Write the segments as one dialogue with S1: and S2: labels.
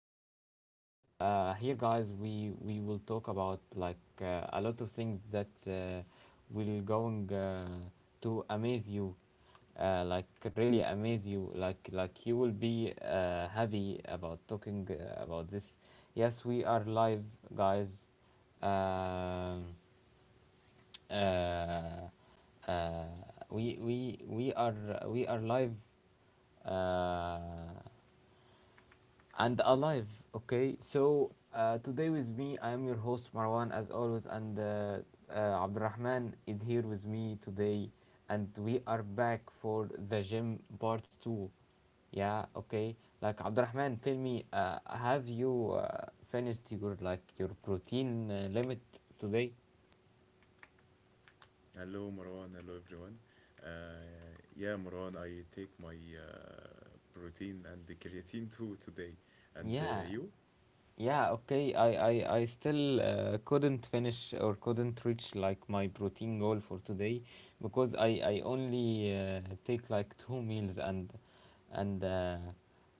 S1: part two. Here, guys, we will talk about like a lot of things that will going to amaze you, like really amaze you. Like you will be happy about talking about this. Yes, we are live, guys. Um, uh, uh, we we we are we are live uh, and alive. Okay, so today with me, I am your host Marwan as always, and Abdurrahman is here with me today, and we are back for the gym part two. Yeah, okay. Like Abdurrahman, tell me, have you finished your like your protein limit today?
S2: Hello, Marwan. Hello, everyone. Yeah, Marwan, I take my protein and the creatine too today. And
S1: Yeah,
S2: you?
S1: yeah, okay. I still couldn't finish or couldn't reach like my protein goal for today because I only take like 2 meals and uh,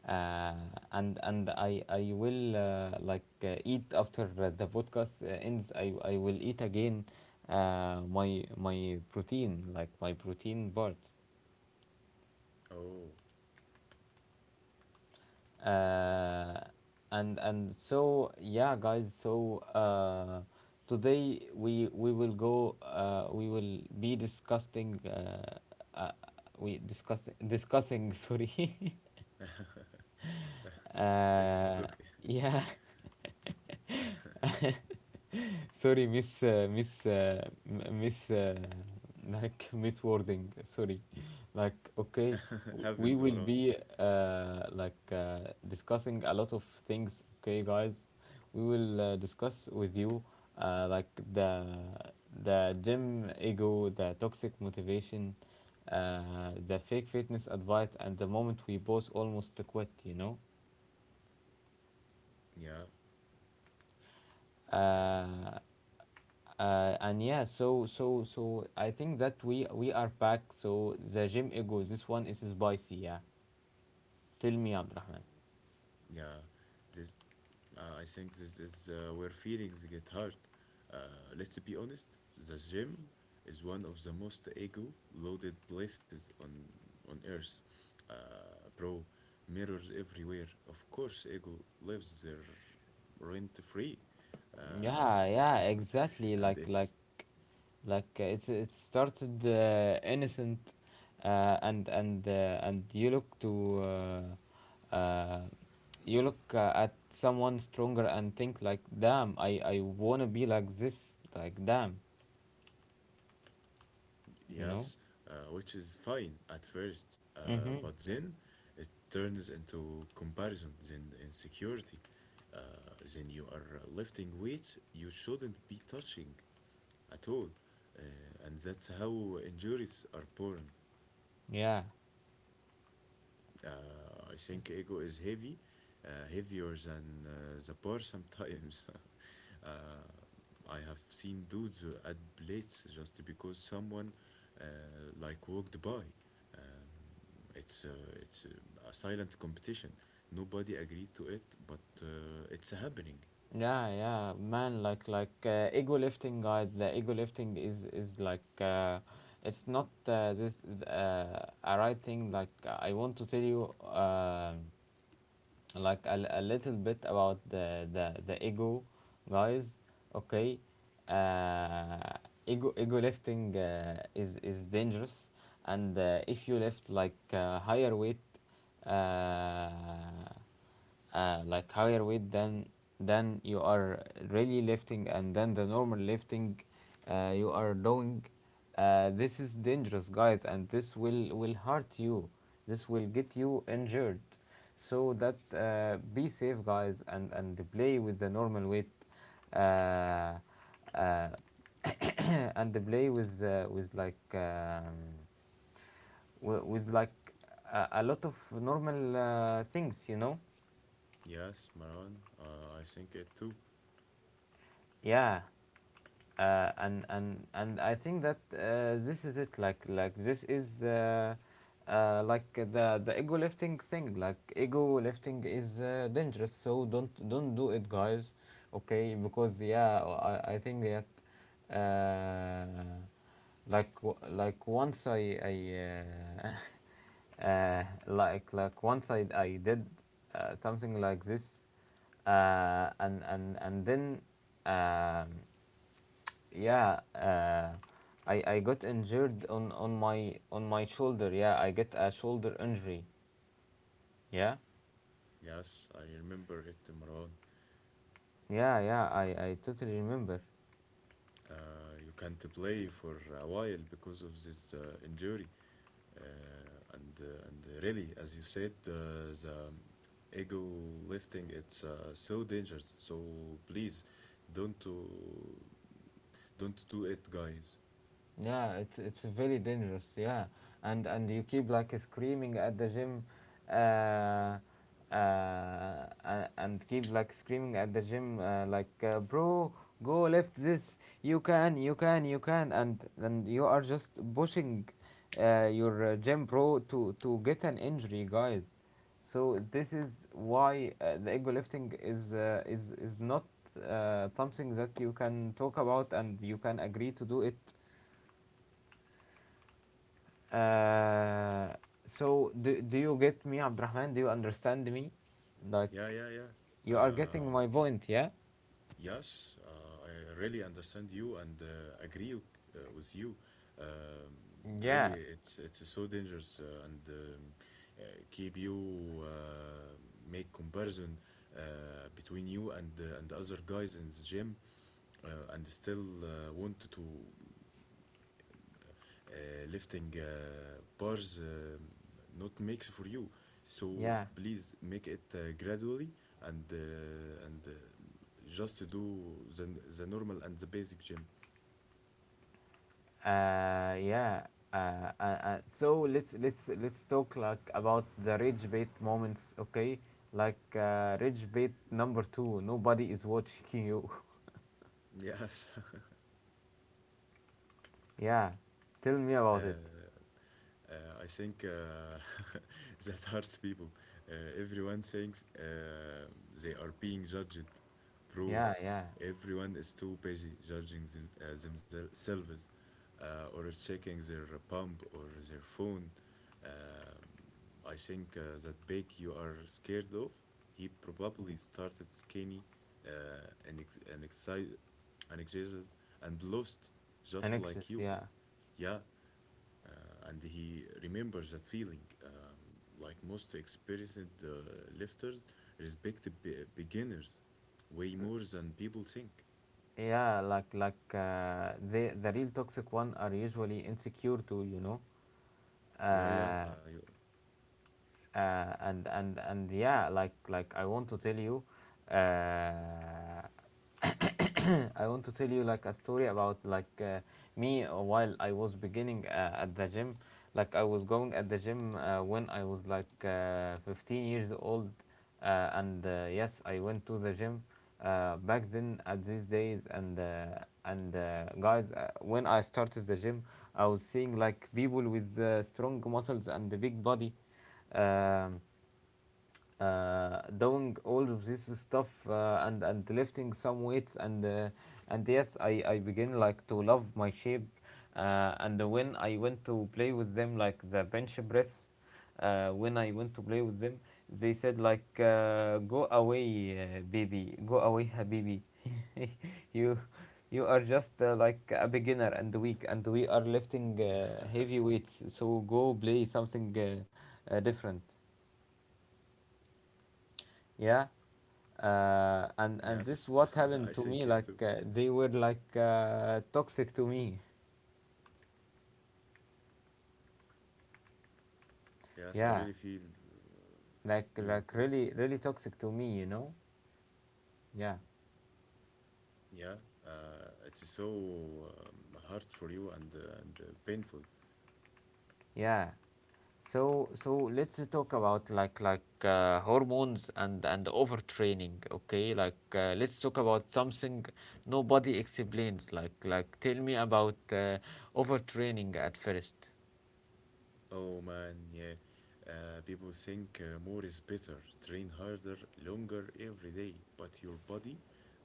S1: uh, and I will like eat after the podcast ends. I will eat again my protein like my protein bar.
S2: Oh,
S1: uh, and so yeah guys so today we will go we will be discussing uh, we discuss discussing sorry
S2: it's
S1: uh,
S2: okay.
S1: yeah Sorry, miss, like miss wording. Sorry, like okay, we
S2: Happens,
S1: will
S2: Marwan.
S1: be like discussing a lot of things. Okay, guys, we will discuss with you like the gym ego, the toxic motivation, the fake fitness advice, and the moment we both almost quit.
S2: Yeah, uh,
S1: Uh, and yeah so so I think that we are back. So the gym ego, this one is spicy. Yeah, tell me Abdurrahman.
S2: yeah. This I think this is where feelings get hurt. Uh, let's be honest, the gym is one of the most ego loaded places on earth. Bro, mirrors everywhere. Of course, ego lives there rent free.
S1: Yeah,
S2: Um,
S1: yeah, exactly. like
S2: and
S1: like
S2: it's
S1: like uh, it's it started innocent, and and you look to you look at someone stronger and think like, damn, I want to be like this. Like, damn, you know.
S2: Yes, which is fine at first,
S1: Mhm.
S2: but then it turns into comparison, then insecurity. Uh, then you are lifting weights you shouldn't be touching at all. And that's how injuries are born.
S1: Yeah.
S2: I think ego is heavy, heavier than the bar sometimes. uh, I have seen dudes who add plates just because someone uh, like walked by. Um, it's a silent competition. Nobody agreed to it, but it's happening.
S1: Yeah, yeah, man. Ego lifting, guys. The ego lifting is like it's not this a right thing. Like, I want to tell you like a little bit about the ego, guys. Okay. uh, Ego lifting is dangerous, and if you lift like higher weight, uh, like higher weight than you are really lifting and then the normal lifting you are doing, this is dangerous guys, and this will hurt you, this will get you injured. So that be safe, guys, and play with the normal weight, uh, uh, and play with like a lot of normal things, you know.
S2: Yes, Marwan. I think it too.
S1: Yeah. And and I think that this is it. Like this is like the ego lifting thing. Like ego lifting is dangerous. So don't do it, guys. Okay, because yeah, I think that. Uh, like like once I like once I did something like this, and then um, yeah, I got injured on my shoulder. Yeah, I get a shoulder injury. Yeah,
S2: Yes, I remember it, Marwan.
S1: yeah, I totally remember.
S2: You can't play for a while because of this injury. uh, and really as you said, the ego lifting it's so dangerous, so please don't do, don't do it, guys.
S1: Yeah, it's very dangerous. Yeah, and you keep like screaming at the gym, uh, uh, and keep like screaming at the gym, like bro, go lift this. You can, and you are just pushing, your gym bro to get an injury, guys. So this is why the ego lifting is is not something that you can talk about and you can agree to do it, uh, so do, do you get me, Abdurrahman? Do you understand me? Like
S2: Yeah, yeah, yeah.
S1: you are getting
S2: Um
S1: my point, yeah?
S2: yes, I really understand you and agree with you. um, Really
S1: Yeah,
S2: it's so dangerous, and keep you make comparison between you and other guys in the gym and still want to lifting bars not makes for you, so
S1: yeah,
S2: please make it gradually, and just do the normal and the basic gym.
S1: yeah. So let's let's talk like about the rage bait moments, okay? Like rage bait number two. Nobody is watching you.
S2: Yes.
S1: Yeah, tell me
S2: uh,
S1: about it.
S2: Uh, I think that hurts people. Everyone thinks they are being judged, bro.
S1: Yeah, yeah.
S2: Everyone is too busy judging themselves, or checking their pump or their phone. Um, I think that bake you are scared of, he probably started skinny and, excited and exercise and lost just like
S1: Anxious.
S2: you.
S1: Yeah,
S2: Yeah, uh, and he remembers that feeling. Like most experienced lifters, respect the beginners way more than people think.
S1: yeah. Like the real toxic one are usually insecure too. You know,
S2: Yeah, yeah,
S1: uh, and yeah like I want to tell you uh, I want to tell you like a story about like me while I was beginning at the gym. Like I was going at the gym when I was like 15 years old, and yes, I went to the gym back then at these days. And Guys, when I started the gym, I was seeing like people with strong muscles and a big body. Um, Doing all of this stuff and lifting some weights, and yes I begin like to love my shape, and when I went to play with them like the bench press, when I went to play with them, they said like go away, baby, go away habibi. you you are just like a beginner and weak, and we are lifting
S2: yeah,
S1: heavy weights, so go play something different. Yeah. And this
S2: yes,
S1: what
S2: I
S1: happened to
S2: think
S1: me,
S2: it too.
S1: like they were like toxic to me.
S2: Yes, I really
S1: Yeah,
S2: feel you.
S1: like really really toxic to me, you know. Yeah,
S2: Yeah, it's so hard for you and painful.
S1: yeah. So so let's talk about like hormones and overtraining. Okay, like let's talk about something nobody explains. Like tell me about overtraining at first.
S2: Oh man, yeah. People think more is better. Train harder, longer every day. But your body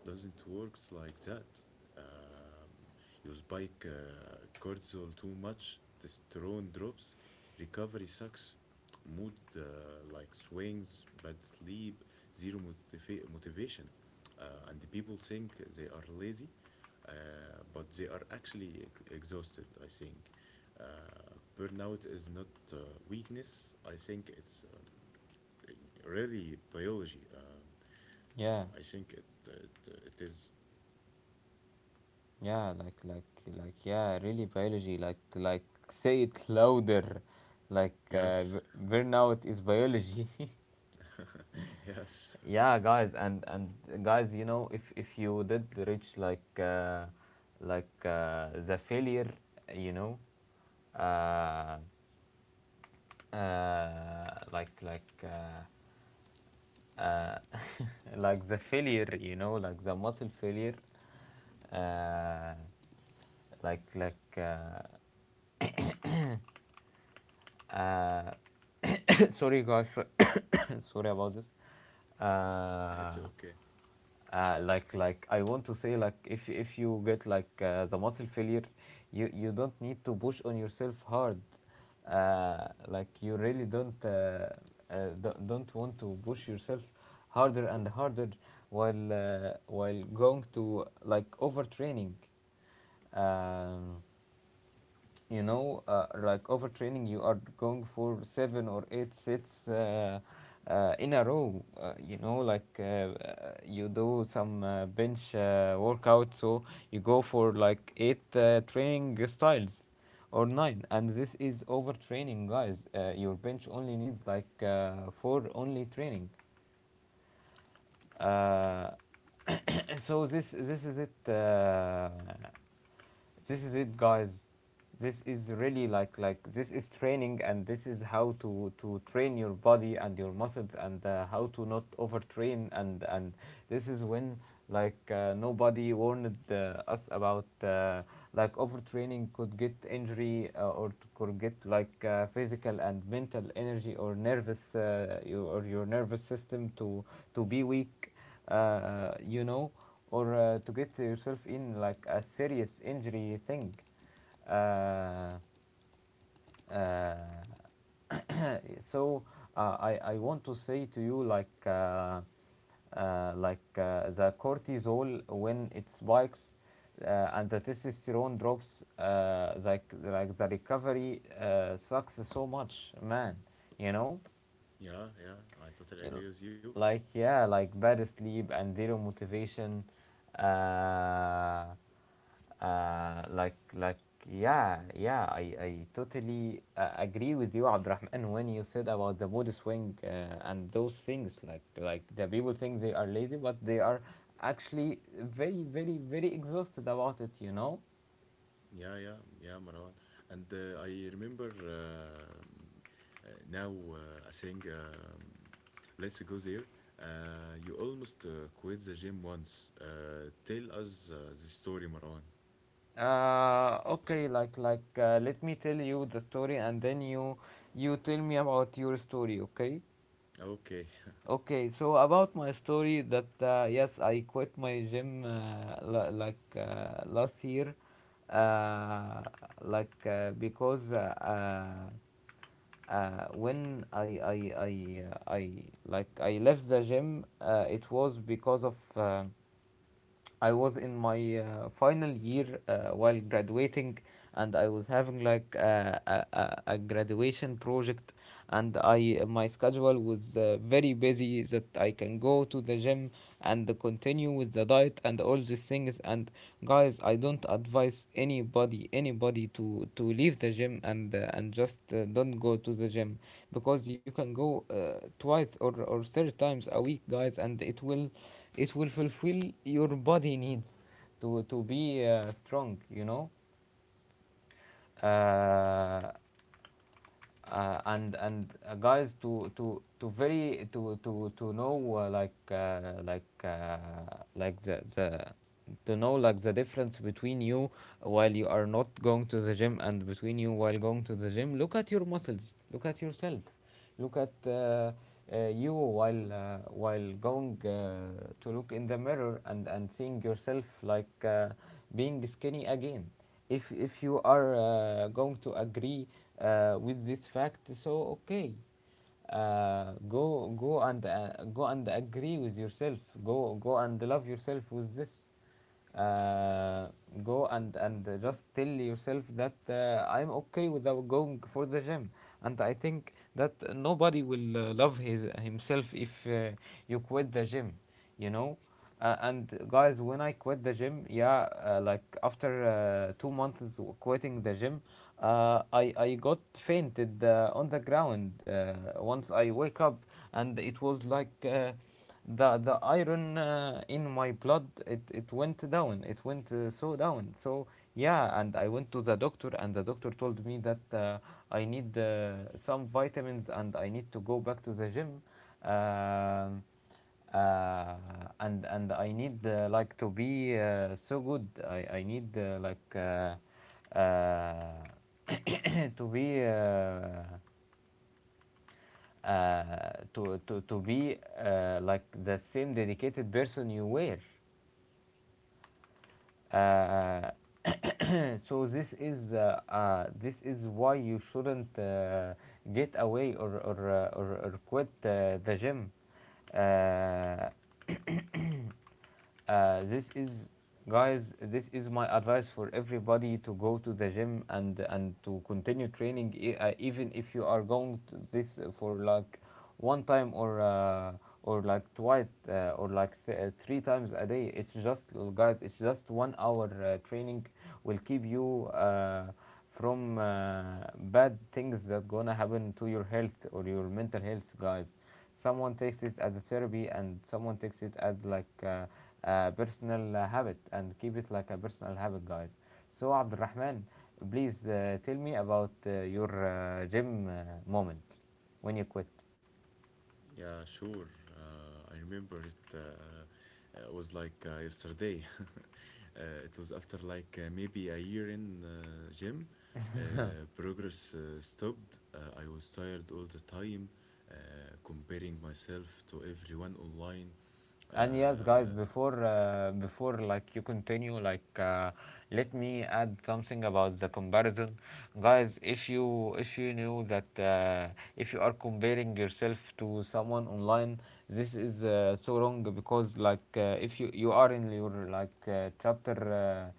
S2: doesn't work like that. Um, you spike cortisol too much, testosterone drops, recovery sucks, mood like swings, bad sleep, zero motivation. And the people think they are lazy, but they are actually exhausted, I think. Burnout is not uh, weakness, I think it's really biology.
S1: Yeah.
S2: I think it is.
S1: Yeah, like yeah, really biology. Like say it louder. Like
S2: Yes,
S1: burnout is biology.
S2: yes,
S1: Yeah, guys, and guys, you know, if you did reach like the failure, you know, uh, uh, like like uh, uh, like the failure, you know, like the muscle failure. Uh, like like uh, Uh, sorry, guys. Sorry about this. Uh,
S2: it's okay.
S1: like I want to say, like, if you get like the muscle failure, you don't need to push on yourself hard. Like you really don't don't want to push yourself harder and harder while going to like overtraining. Um, you know, like overtraining, you are going for 7 or 8 sets in a row. You know, like you do some bench workout, so you go for like eight training styles or nine, and this is overtraining, guys. Your bench only needs like 4 only training. Uh, so this is it. This is it, guys. This is really like this is training, and this is how to train your body and your muscles, and how to not overtrain. And this is when like nobody warned us about like overtraining could get injury or could get like physical and mental energy or nervous your, or your nervous system to be weak, you know, or to get yourself in like a serious injury thing. Uh, uh, so I want to say to you, like the cortisol when it spikes and the testosterone drops, like the recovery sucks so much, man, you know.
S2: Yeah, yeah, I totally
S1: l-
S2: agree with you.
S1: like, yeah, like bad sleep and zero motivation, uh, uh, like like yeah yeah I totally agree with you Abdurrahman when you said about the mood swing and those things. Like the people think they are lazy, but they are actually very very very exhausted about it, you know.
S2: Yeah, yeah, yeah, Marwan. And I remember, now I think, let's go there. You almost quit the gym once. Tell us the story, Marwan.
S1: Okay, like let me tell you the story, and then you tell me about your story, okay.
S2: Okay.
S1: Okay, so about my story that yes, I quit my gym like last year, uh, like because when I like I left the gym, it was because of I was in my final year while graduating, and I was having like a graduation project, and I my schedule was very busy that I can go to the gym and continue with the diet and all these things. And guys, I don't advise anybody to leave the gym, and just don't go to the gym, because you can go twice or 3 times a week, guys, and it will fulfill your body needs to be strong, you know. uh, and guys, to very to know like the to know like the difference Between you while you are not going to the gym and between you while going to the gym, look at your muscles, look at yourself. Look at you while going To look in the mirror and seeing yourself being skinny again. If you are going to agree with this fact, so okay. Go and go and agree with yourself. Go and love yourself with this uh, go and just tell yourself that I'm okay without going for the gym. And I think that nobody will love his himself if you quit the gym you know and guys, when I quit the gym, yeah, like after 2 months quitting the gym, I got fainted on the ground. Once I wake up, and it was like the iron in my blood, it went down, it went so down. So yeah, and I went to the doctor, and the doctor told me that I need some vitamins, and I need to go back to the gym. um, uh, and I need like to be so good. I need uh, to be uh, to be like the same dedicated person you were. Uh, so this is why you shouldn't get away or or quit the gym. Uh, this is, guys, this is my advice for everybody to go to the gym and to continue training, even if you are going to this for like one time or like twice or like three times a day. It's just, guys, it's just 1 hour training will keep you from bad things that gonna happen to your health or your mental health, guys. Someone takes it as a therapy, and someone takes it as a personal habit and keep it like a personal habit, guys. So Abdurrahman, please, tell me about your gym moment when you quit.
S2: Yeah, sure. I remember it, was like yesterday. It was after like maybe a year in gym. Progress stopped. I was tired all the time, comparing myself to everyone online.
S1: And yes, guys,
S2: Uh,
S1: before before you continue, let me add something about the comparison, guys. If you knew that if you are comparing yourself to someone online, this is so wrong, because if you are in your chapter Uh,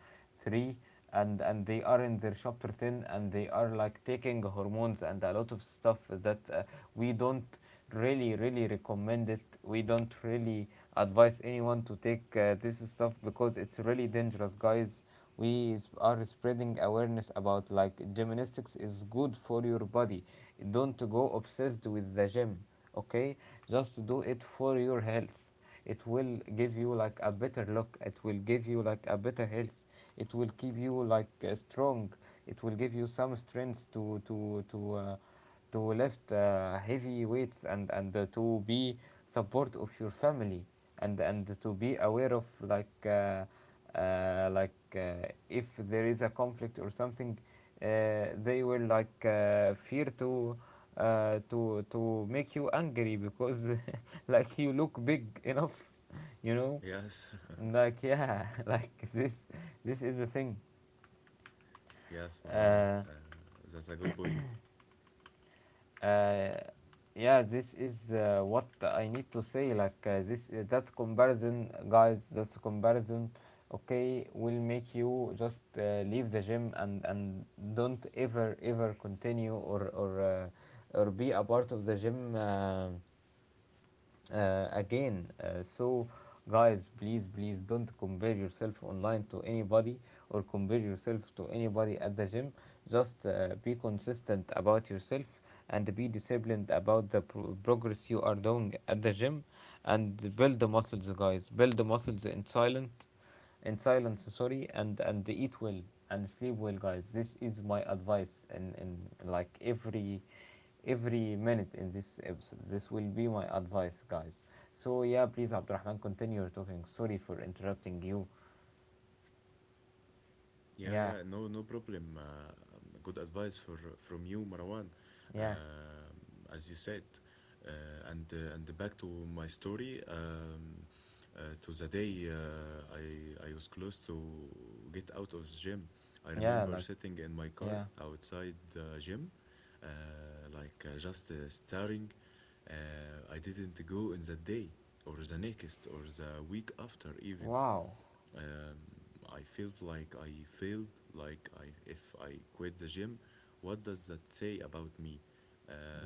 S1: three, and they are in their chapter ten, and they are like taking hormones and a lot of stuff that we don't really really recommend it. We don't really advise anyone to take this stuff, because it's really dangerous, guys. We are spreading awareness about like gymnastics is good for your body. Don't go obsessed with the gym, okay? Just do it for your health. It will give you like a better look, it will give you like a better health, it will keep you strong, it will give you some strength to lift heavy weights, and to be support of your family, and to be aware of if there is a conflict or something. They will fear to make you angry, because like you look big enough, you know.
S2: yes,
S1: Like yeah, like this is the thing.
S2: yes, Maran.
S1: uh,
S2: That's a good point.
S1: Uh, yeah, this is what I need to say. That comparison, guys. That's comparison. Okay, will make you just leave the gym, and don't ever ever continue or be a part of the gym again. So, guys, please, please, don't compare yourself online to anybody or compare yourself to anybody at the gym. Just be consistent about yourself, and be disciplined about the progress you are doing at the gym, and build the muscles, guys. Build the muscles in silent, in silence, sorry, and eat well, and sleep well, guys. This is my advice in like every minute in this episode. This will be my advice, guys. So yeah, please, Abdurrahman, continue your talking, sorry for interrupting you.
S2: Yeah,
S1: Yeah,
S2: yeah, no, no problem. Good advice for from you, Marwan.
S1: yeah,
S2: Um as you said, and back to my story. To the day I was close to get out of the gym. I
S1: yeah,
S2: remember
S1: like
S2: sitting in my car
S1: yeah,
S2: outside the gym, uh, like just staring. I didn't go in that day, or the next, or the week after even.
S1: wow,
S2: um, I felt like I failed, like I if I quit the gym, what does that say about me?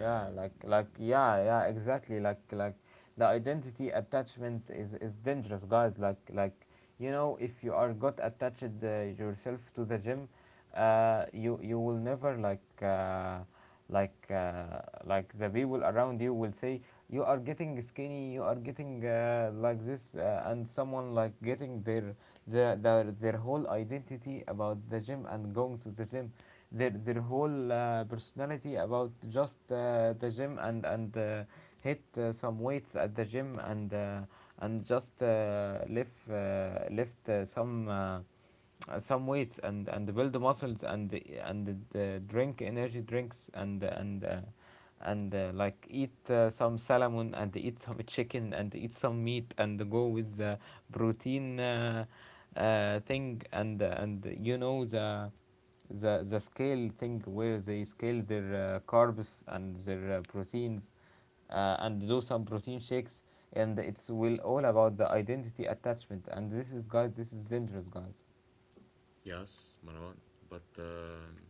S1: yeah, like yeah, yeah, exactly, like the identity attachment is dangerous, guys, like, you know, if you are got attached, yourself to the gym, you will never like uh, like the people around you will say you are getting skinny, you are getting like this, and someone like getting their whole identity about the gym and going to the gym, their whole personality about just the gym, and hit some weights at the gym, and just lift some weights, and build muscles, and and drink energy drinks, and like eat some salmon, and eat some chicken, and eat some meat, and go with the protein thing, and you know, the scale thing, where they scale their carbs and their proteins, and do some protein shakes, and it's will all about the identity attachment, and this is, guys, this is dangerous, guys.
S2: yes, Marwan, but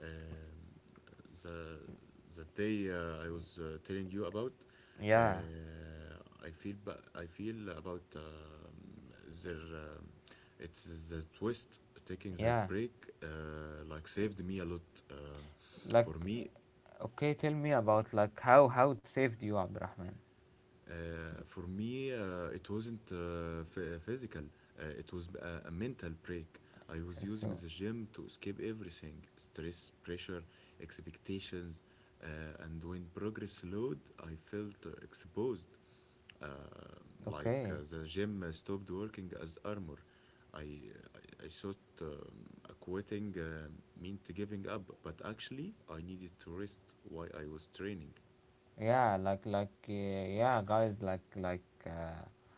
S2: um, the the day I was telling you about,
S1: Yeah,
S2: I feel I feel about their it's the twist taking that
S1: yeah,
S2: break like saved me a lot. Um
S1: like,
S2: for me,
S1: okay, tell me about like how it saved you, Abdurrahman.
S2: For me, it wasn't physical, it was a mental break. I was using
S1: So
S2: the gym to escape everything: stress, pressure, expectations. And when progress slowed, I felt exposed. Uh, like
S1: okay,
S2: the gym stopped working as armor. I thought, quitting meant giving up, but actually, I needed to rest while I was training.
S1: yeah, yeah guys, like like uh,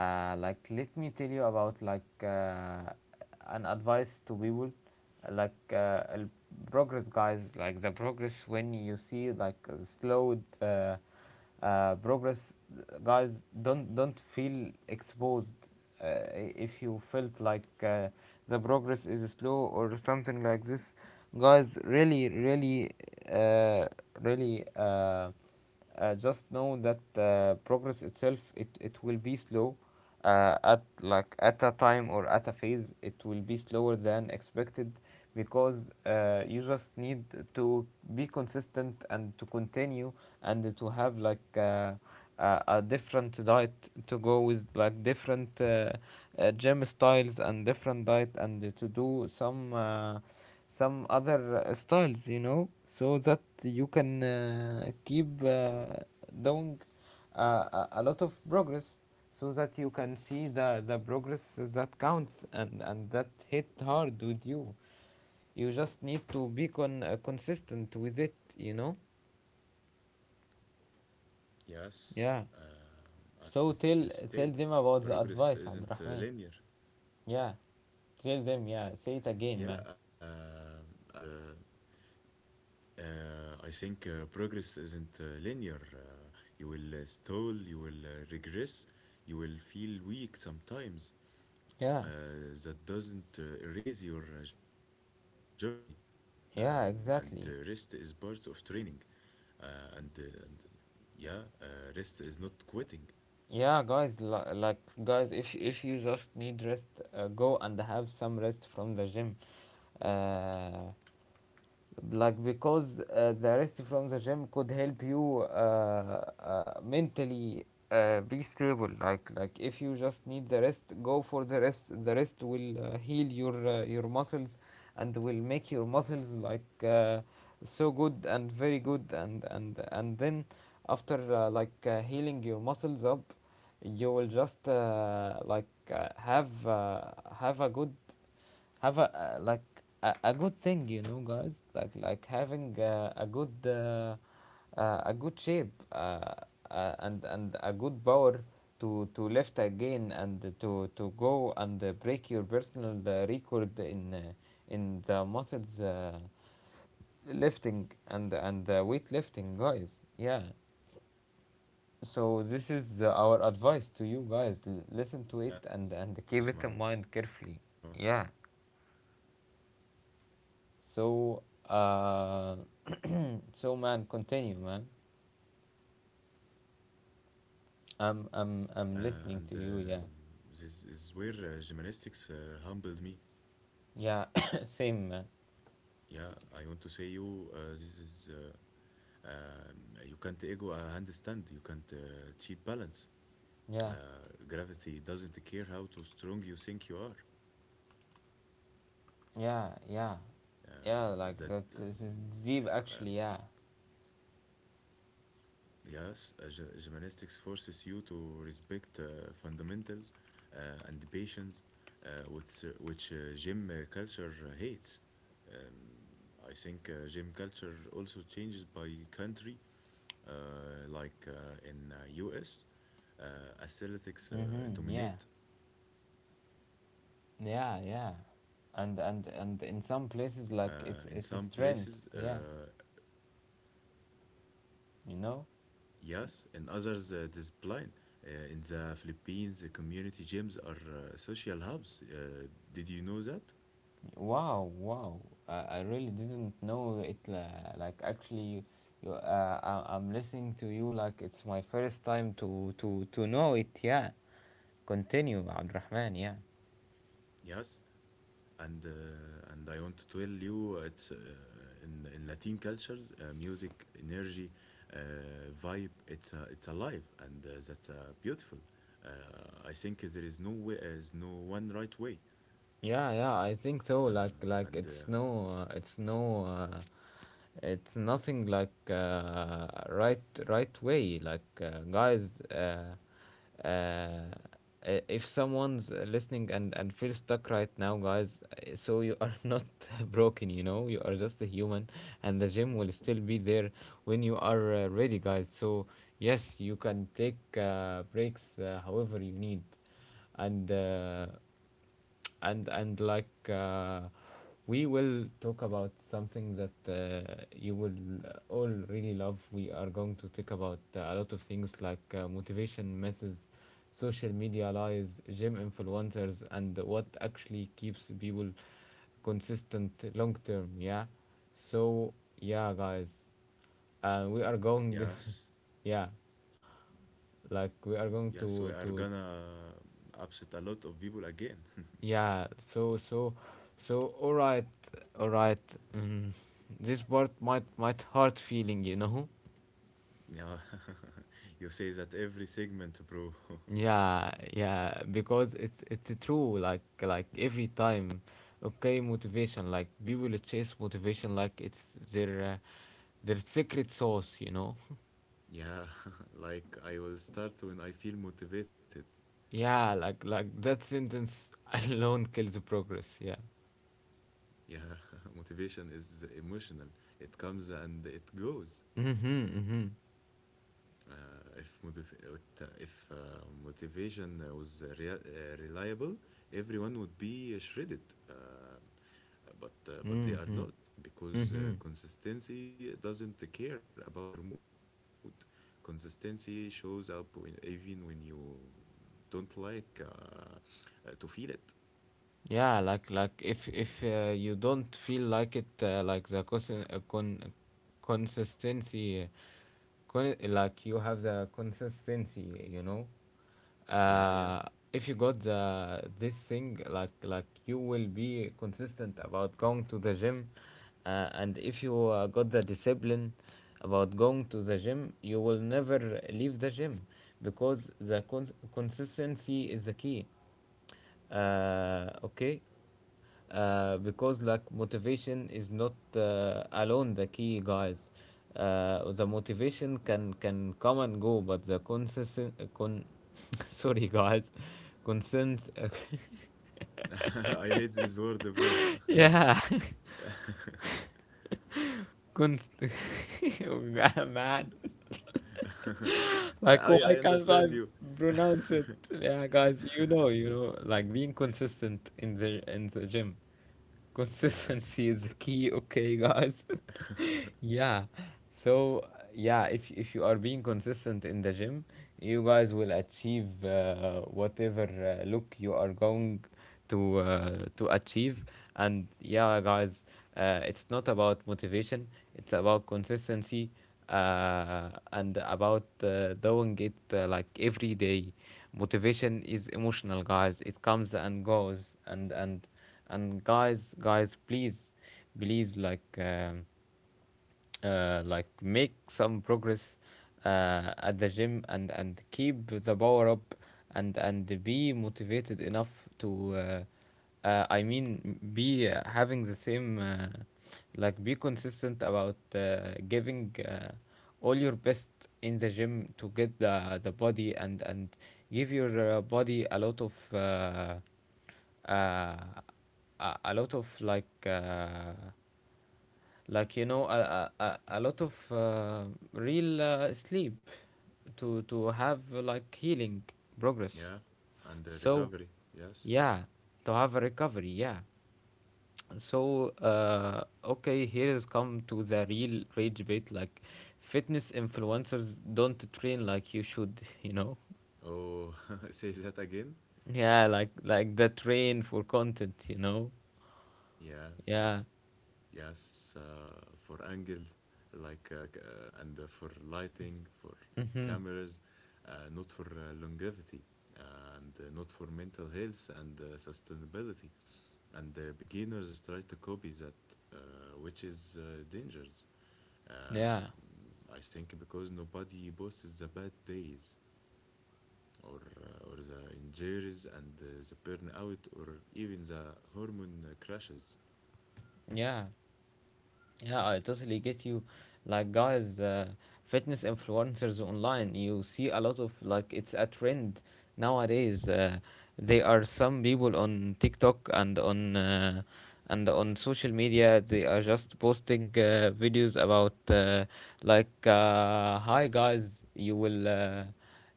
S1: uh, like let me tell you about an advice to people, like uh, progress, guys. Like the progress, when you see slowed progress, guys, don't feel exposed. uh, if you felt the progress is slow or something like this, guys, really really uh, really uh, just know that progress itself, it will be slow at like at a time or at a phase, it will be slower than expected, because you just need to be consistent and to continue and to have a different diet, to go with like different gym styles and different diet, and to do some other styles, you know, so that you can keep doing uh, a lot of progress, so that you can see the progress that counts, and that hit hard with you. You just need to be consistent with it, you know. Yeah,
S2: Yes,
S1: so
S2: as you
S1: tell,
S2: said,
S1: tell them about the
S2: progress
S1: advice,
S2: isn't
S1: Abdurrahman.
S2: linear.
S1: Yeah, tell them, yeah, say it
S2: Yeah,
S1: again, man.
S2: as I think progress isn't linear. You will stall, you will regress, you will feel weak sometimes. Uh,
S1: Yeah,
S2: that doesn't erase your journey, and rest is part
S1: yeah,
S2: of training.
S1: exactly.
S2: And yeah, rest is not quitting.
S1: Yeah, guys, like guys, if you just need rest, go and have some rest from the gym. Uh, like, because the rest from the gym could help you mentally be stable, like if you just need the rest, go for the rest. The rest will heal your muscles, and will make your muscles so good and very good, and then after healing your muscles up, you will just uh, have uh, have a good, have a a good thing, you know, guys, like having a good shape, and a good power to lift again, and to go and break your personal record in the muscles lifting, and weight lifting, guys. Yeah. So this is our advice to you, guys.
S2: Yes, Marwan.
S1: Listen to it, and keep it in mind carefully. Yeah. So, uh, so man, continue, man.
S2: And
S1: I'm
S2: This is
S1: listening to
S2: where
S1: you. Yeah,
S2: gymnastics humbled me.
S1: yeah, same,
S2: Yeah,
S1: man.
S2: I want to say you, this is you can't ego a handstand, you can't cheat balance. Uh,
S1: Yeah,
S2: gravity doesn't care how too strong you think you are.
S1: yeah, yeah,
S2: Uh,
S1: yeah.
S2: that
S1: Like that is deep, actually. Yeah.
S2: Yes, gymnastics forces you to respect fundamentals and patience, which gym culture hates. I think gym culture also changes by country, like in US, aesthetics
S1: Mm-hmm. Yeah,
S2: dominate.
S1: yeah, yeah. And in some places, like
S2: Uh,
S1: it's
S2: in
S1: it's a
S2: some
S1: strength.
S2: places,
S1: Yeah, you know.
S2: yes, in others, it is blind. In the Philippines, the community gyms are social hubs. Did you know that?
S1: Wow, wow. I really didn't know it. Like, actually, I'm listening to you like it's my first time to know it. Yeah. Continue, Abdurrahman. Yeah.
S2: Yes, and I want to tell you, it's in Latin cultures, music, energy, vibe. It's alive, and that's beautiful. Uh, I think there is no way, is no one right way,
S1: Yeah, yeah, I think so. Like it's
S2: and
S1: it's no, it's nothing like right way. Like, guys, uh, uh, uh, if someone's listening and feels stuck right now, guys, so you are not broken. You know, you are just a human, and the gym will still be there when you are ready, guys. So yes, you can take breaks however you need, and uh, and we will talk about something that you will all really love. We are going to talk about a lot of things, like motivation methods, social media lies, gym influencers, and what actually keeps people consistent long term, yeah. So yeah, guys, we are going
S2: yes,
S1: yeah, like we are going to
S2: yes, we are gonna upset a lot of people again.
S1: Yeah, so all right, all right. Mm, this part might hurt feeling, you know?
S2: Yeah, you say that every segment, bro.
S1: Yeah, yeah, because it's true, like every time. Okay, motivation, like people chase motivation like it's their uh, their secret sauce, you know?
S2: Yeah, like I will start when I feel motivated.
S1: Yeah, like that sentence alone kills the progress, yeah.
S2: Yeah, motivation is emotional. It comes and it goes.
S1: Mhm, mhm.
S2: Uh, if motivation was reliable, everyone would be shredded. Uh, but but they are
S1: Mhm.
S2: not, because
S1: Mhm.
S2: consistency doesn't care about your mood. Consistency shows up even when you don't like to feel it.
S1: Yeah, like if you don't feel like it, like the consistency, like you have the consistency, you know.
S2: Yeah, yeah.
S1: Uh, if you got the this thing, like you will be consistent about going to the gym, and if you got the discipline about going to the gym, you will never leave the gym because the consistency is the key. Okay. Because, like, motivation is not alone the key, guys. The motivation can come and go, but the consistent con sorry guys, consent
S2: I hate this word, bro.
S1: yeah Cons- man, like,
S2: I
S1: why
S2: I
S1: can't I
S2: understand you.
S1: pronounce it? Yeah, guys, you know, like, being consistent in the gym,
S2: Yes.
S1: consistency is the key, okay guys. Yeah, so yeah, if you are being consistent in the gym, you guys will achieve whatever look you are going to achieve. And yeah, guys, it's not about motivation, it's about consistency, and about doing it like every day. Motivation is emotional, guys, it comes and goes. And guys, guys, please, please, like like make some progress at the gym, and keep the power up, and be motivated enough to I mean, be having the same, like, be consistent about giving all your best in the gym to get the body, and give your body a lot of uh, a lot of, like, like, you know, a lot of real sleep to have, like, healing progress.
S2: Yeah. And the
S1: So
S2: recovery. Yes.
S1: yeah, to have a recovery, yeah. So okay, here is come to the real rage bait. Like, fitness influencers don't train like you should, you know.
S2: Oh, say that again.
S1: Yeah, like the train for content, you know.
S2: Yeah.
S1: Yeah.
S2: Yes. For angles, like c- and for lighting, for
S1: Mm-hmm.
S2: cameras, not for longevity, and not for mental health and sustainability. And the beginners try to copy that, which is dangerous. Uh,
S1: Yeah,
S2: I think because nobody posts the bad days, or the injuries and the burnout or even the hormone crashes.
S1: yeah. Yeah, I totally get you. Like, guys, fitness influencers online, you see a lot of, like, it's a trend nowadays. There are some people on TikTok and on social media. They are just posting videos about like, hi guys, you will uh,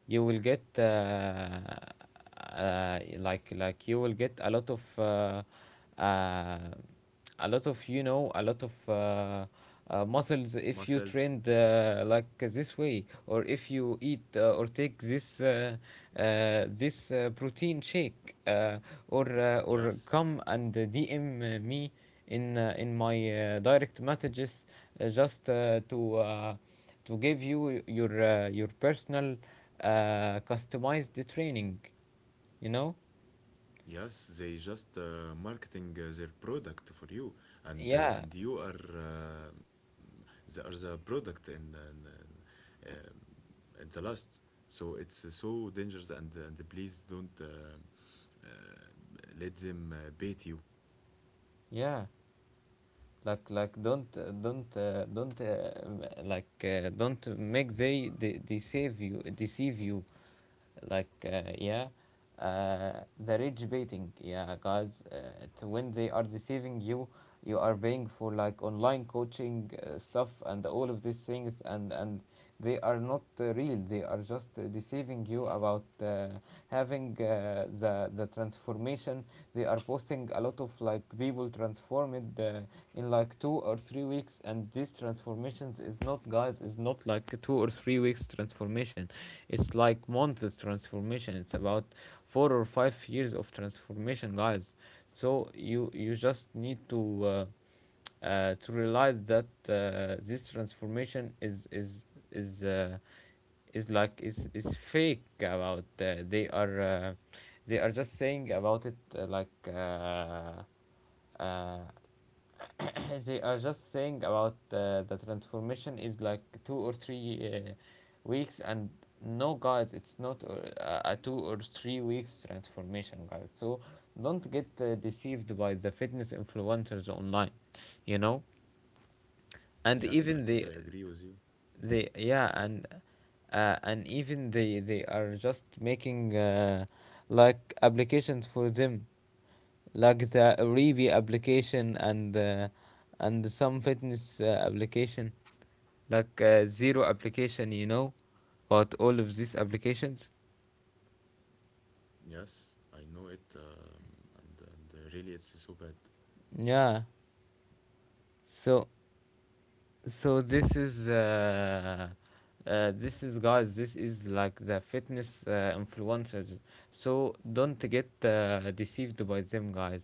S1: you will get. Like you will get a lot of uh, a lot of, you know, a lot of muscles if you
S2: Muscles,
S1: train like this way, or if you eat or take this protein shake, uh, or
S2: y-
S1: uh, or
S2: yes,
S1: come and DM me in my direct messages, just to give you your personal customized training, you know.
S2: yes, they just marketing their product for you,
S1: Yeah,
S2: and you are the are the product in, um, in the last, so it's so dangerous, and please don't uh, let them bait you.
S1: yeah, like don't make they deceive you, like, yeah. uh, the rich baiting, yeah, guys. When they are deceiving you, you are paying for, like, online coaching stuff and all of these things, and they are not real, they are just deceiving you about having the transformation. They are posting a lot of, like, people transformed in, like, 2 or 3 weeks, and this transformation is not, guys, is not like 2 or 3 weeks transformation, it's like months transformation, it's about 4 or 5 years of transformation, guys. So you just need to realize that this transformation is uh, is like is fake. About they are just saying about it they are just saying about the transformation is like two or three weeks, and no, guys, it's not a 2 or 3 weeks transformation, guys. So don't get deceived by the fitness influencers online, you know. And
S2: Yes, I
S1: even
S2: totally agree with you.
S1: they, yeah. And even they are just making like applications for them, like the Reebok application, and some fitness application, like zero application, you know, about all of these applications,
S2: Yes, I know it, and really, it's so bad.
S1: yeah. So, so this is, guys. This is like the fitness influencers. So don't get deceived by them, guys.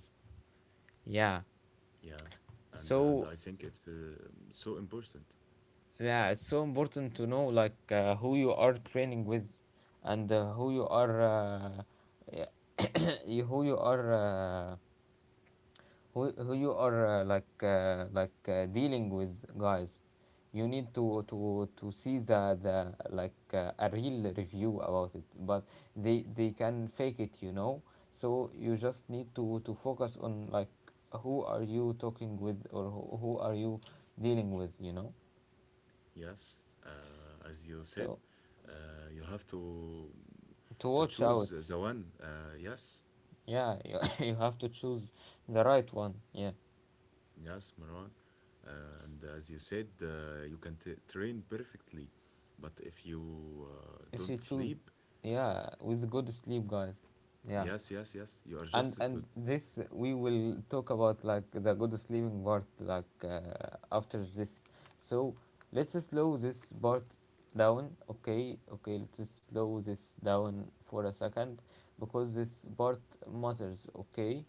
S1: Yeah.
S2: Yeah, and I
S1: So
S2: think it's so important.
S1: yeah, it's so important to know, like, who you are training with, and who you are y- who you are. Uh, who you are dealing with, guys. You need to see the like a real review about it, but they can fake it, you know. So you just need to focus on, like, who are you talking with, or who are you dealing with, you know.
S2: Yes, as you said,
S1: So s-
S2: you have
S1: to
S2: to
S1: watch
S2: choose
S1: out.
S2: the one. Yes,
S1: Yeah, you have to choose the right one, yeah.
S2: yes, Marwan. And as you said, you can t train perfectly, but if you
S1: If you
S2: don't
S1: choose,
S2: sleep,
S1: yeah, with good sleep, guys, yeah.
S2: yes, yes, yes, you are
S1: and
S2: just to.
S1: and this, we will talk about, like, the good sleeping part, like after this. So let's slow this part down. Okay, okay, let's slow this down for a second because this part matters, okay.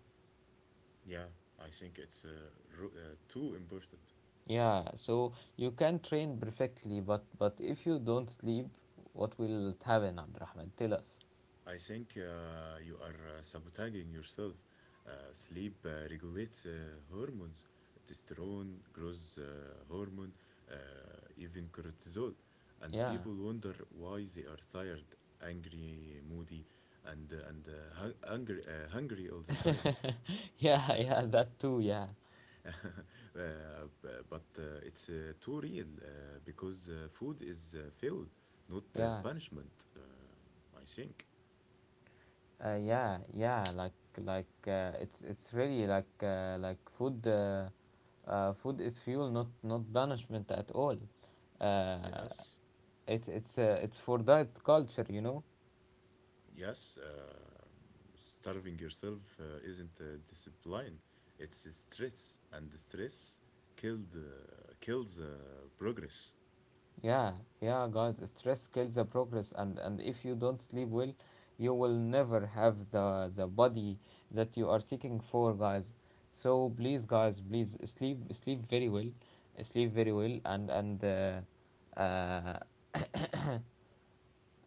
S2: Yeah, I think it's too important.
S1: Yeah. So you can train perfectly, but if you don't sleep, what will happen? Abdurrahman, tell us.
S2: I think you are sabotaging yourself. Sleep regulates hormones, testosterone, growth hormone, uh, even cortisol. And
S1: Yeah.
S2: people wonder why they are tired, angry, moody, and hungry, hungry all the time.
S1: Yeah, yeah, that too, yeah,
S2: But it's too real, because food is fuel, not
S1: yeah.
S2: punishment, I think.
S1: Yeah, yeah, like it's really, like, like food. Food is fuel, not banishment at all. Uh,
S2: Yes.
S1: it's for diet culture, you know.
S2: Yes, starving yourself isn't discipline; it's stress, and the stress killed kills progress.
S1: Yeah, yeah, guys. Stress kills the progress, and if you don't sleep well, you will never have the body that you are seeking for, guys. So please, guys, please, sleep very well, sleep very well, uh,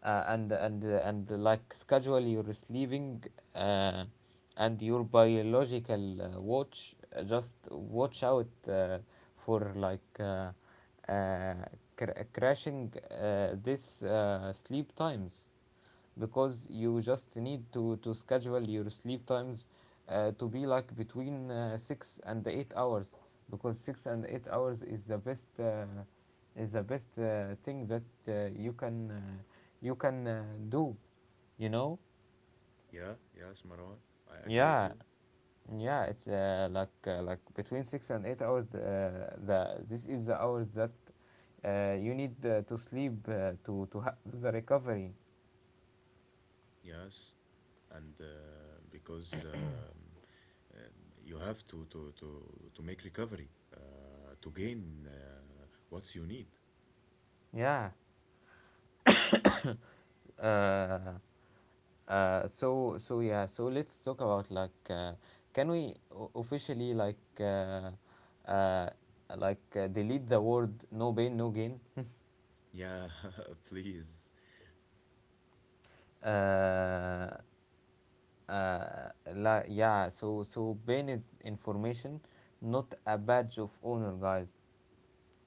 S1: and, like, schedule your sleeping uh, and your biological watch. Just watch out for, like, uh, crashing this sleep times, because you just need to schedule your sleep times to be, like, between 6 and 8 hours, because 6 and 8 hours is the best, thing that uh, you can uh, you can do, you know.
S2: Yeah, yes, Marwan, I agree with
S1: Yeah,
S2: you.
S1: yeah, it's like between 6 and 8 hours the this is the hours that you need to sleep to have the recovery,
S2: Yes, and because, you have to make recovery, to gain what you need.
S1: yeah. Uh, Uh, so so yeah, so let's talk about, like, can we officially, uh, delete the word no pain no gain.
S2: Yeah, please.
S1: uh, uh, yeah, so pain is information, not a badge of honor, guys.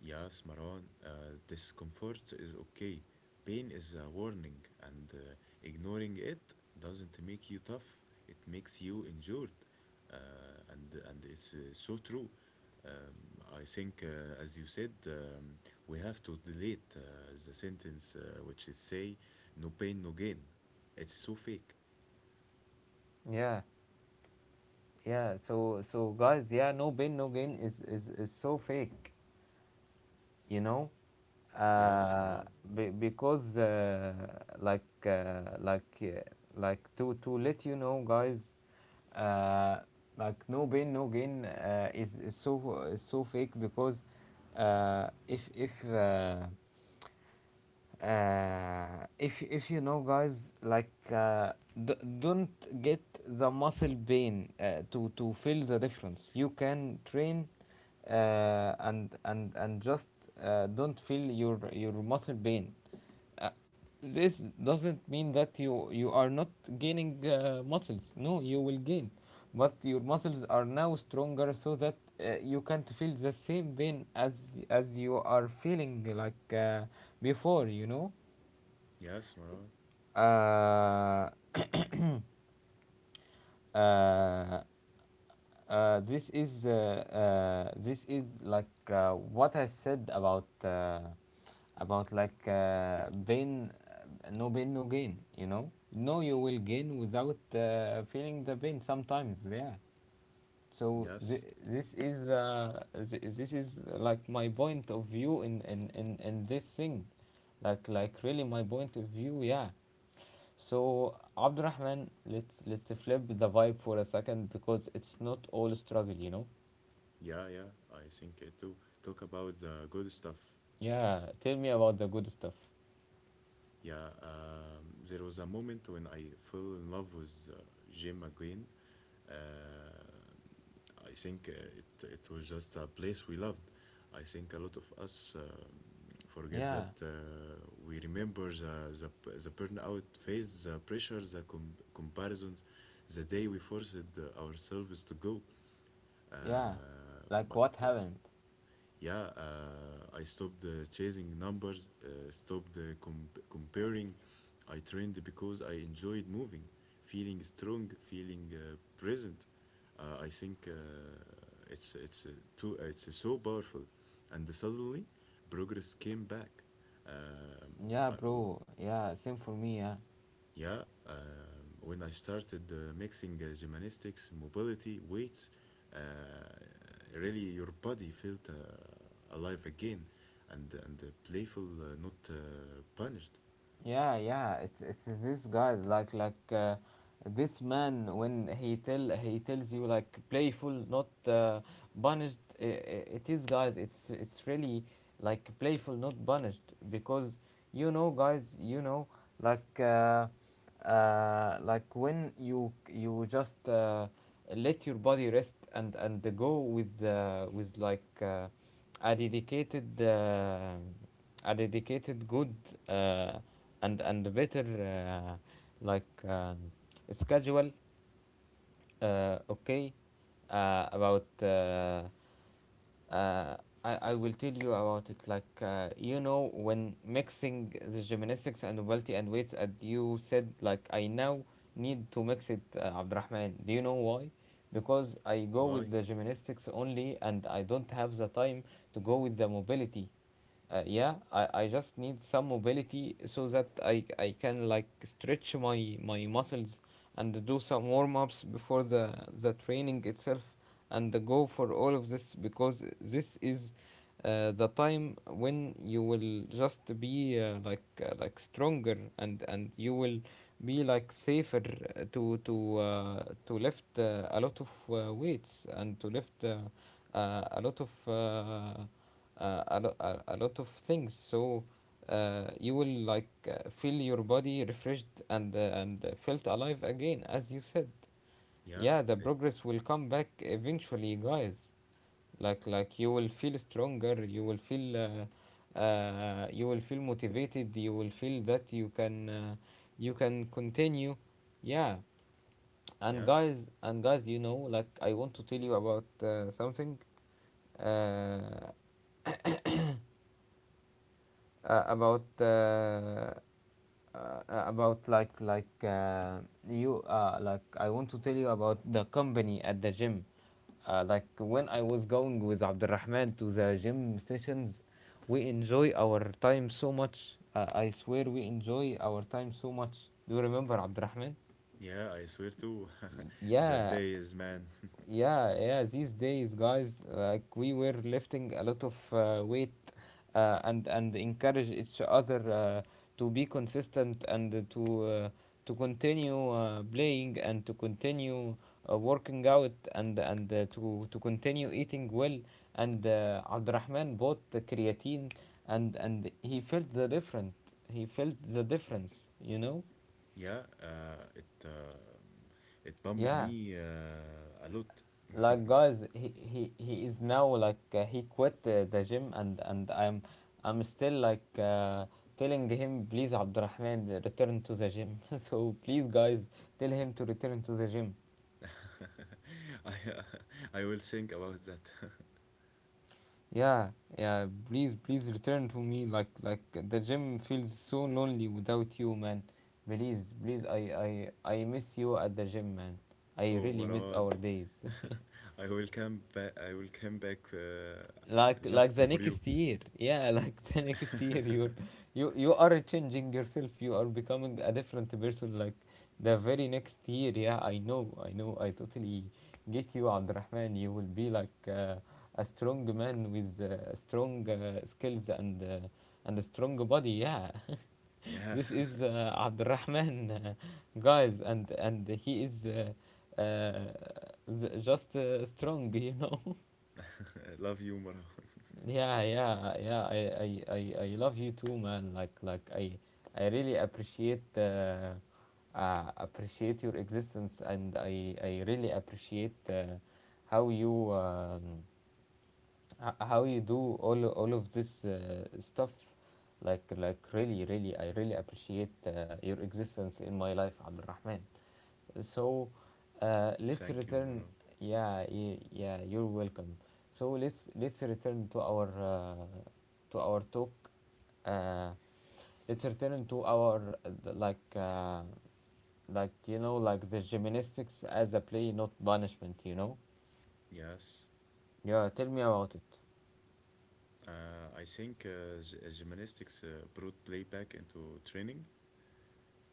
S2: Yes, Marwan, discomfort is okay. Pain is a warning, and ignoring it doesn't make you tough. It makes you injured, and it's so true. Um, I think, as you said, we have to delete the sentence which is say, "No pain, no gain." It's so fake.
S1: Yeah, yeah, so guys, yeah, no pain no gain is so fake, you know.
S2: Yes,
S1: uh,
S2: Maran.
S1: be, because uh, like uh, like uh, like, to let you know, guys, uh, like, no pain no gain is so fake, because uh, if if uh, if you know, guys, like, d- don't get the muscle pain to feel the difference. You can train and just don't feel your muscle pain. uh, this doesn't mean that you are not gaining muscles, no, you will gain, but your muscles are now stronger so that you can't feel the same pain as you are feeling, like, before, you know.
S2: Yes, Maran.
S1: uh, uh, This is, like, what I said about, like, pain, no gain. You know, no, you will gain without feeling the pain sometimes. Yeah. So
S2: Yes.
S1: this is like my point of view in this thing, like really my point of view. Yeah. So Abdurrahman, let's flip the vibe for a second because it's not all struggle, you know.
S2: Yeah, yeah. I think it too. Talk about the good stuff.
S1: Yeah, tell me about the good stuff.
S2: Yeah, there was a moment when I fell in love with gym again. Uh, I think it was just a place we loved. I think a lot of us forget
S1: Yeah,
S2: that we remember the burnout phase, the pressure, the comparisons, the day we forced ourselves to go.
S1: yeah.
S2: Uh,
S1: Like,
S2: but
S1: what
S2: uh,
S1: happened?
S2: yeah, I stopped chasing numbers, stopped comparing. I trained because I enjoyed moving, feeling strong, feeling present. I think it's too it's so powerful, and suddenly progress came back. Um,
S1: Yeah,
S2: I,
S1: bro. Yeah, same for me. Yeah.
S2: yeah, when I started mixing gymnastics, mobility, weights, uh, really your body felt alive again and playful, not punished.
S1: Yeah, yeah, it's this guy, like this man, when he tells you, like, playful, not punished. It is, guys. It's really, like, playful, not punished, because you know, guys, you know, like uh, like, when you just let your body rest and go with with, like, a dedicated. A dedicated good, uh, and better, like um, schedule. Okay about uh, I will tell you about it, you know, when mixing the gymnastics and mobility and weights as you said, like I now need to mix it. Abdurrahman, do you know why? Because I go with
S2: Why?
S1: the gymnastics only and I don't have the time to go with the mobility. Yeah, I just need some mobility so that I can like stretch my muscles and do some warm ups before the training itself, and go for all of this, because this is the time when you will just be like stronger, and you will be like safer to lift a lot of weights, and to lift a lot of a lot of things. So you will like feel your body refreshed and felt alive again, as you said.
S2: Yeah,
S1: Yeah, the
S2: it,
S1: progress will come back eventually, guys. Like you will feel stronger, you will feel motivated, you will feel that you can continue. Yeah. and
S2: yes.
S1: guys and guys, you know, like I want to tell you about something. Uh, uh, about uh, about like you Like I want to tell you about the company at the gym. Like when I was going with Abdurrahman to the gym sessions, we enjoy our time so much. I swear we enjoy our time so much. Do you remember, Abdurrahman?
S2: Yeah, I swear to
S1: Y-
S2: that
S1: yeah,
S2: day is man.
S1: yeah, yeah, these days, guys, like we were lifting a lot of weight, and encourage each other to be consistent, and to continue playing, and to continue working out, and to continue eating well. And Abdurrahman bought the creatine, and he felt the different. He felt the difference, you know?
S2: Yeah, it it bumped
S1: Yeah.
S2: me a lot.
S1: Like, guys, he is now like, he quit the gym, and I'm I'm still like, telling him, please, Abdurrahman, return to the gym. So please, guys, tell him to return to the gym.
S2: I uh, I will think about that.
S1: Yeah, yeah, please, please return to me. Like the gym feels so lonely without you, man. Please, please, I I miss you at the gym, man. I
S2: Oh,
S1: really miss
S2: Marwan,
S1: our days.
S2: I will come back. I will come back
S1: Like
S2: just
S1: the
S2: for you.
S1: next year, yeah, like the next year, you're you are changing yourself, you are becoming a different person, like the very next year. Yeah, I know, I know, I totally get you, Abdurrahman. You will be like a strong man with strong skills, and a strong body. Yeah.
S2: yeah,
S1: This is, Abdurrahman, guys, and he is uh, just strong, you know.
S2: love you, Marwan.
S1: Yeah, yeah, yeah. I love you too, man. Like I really appreciate, appreciate your existence, and I really appreciate how you, how you do all of this stuff. Like really, really, I really appreciate your existence in my life, Abdul Rahman. So let's
S2: Thank you,
S1: return.
S2: Marwan.
S1: Yeah, yeah, you're welcome. So let's return to our talk. Uh, let's return to our you know, like the gymnastics as a play, not punishment. You know.
S2: Yes,
S1: Yeah, tell me about it.
S2: Gymnastics brought playback into training,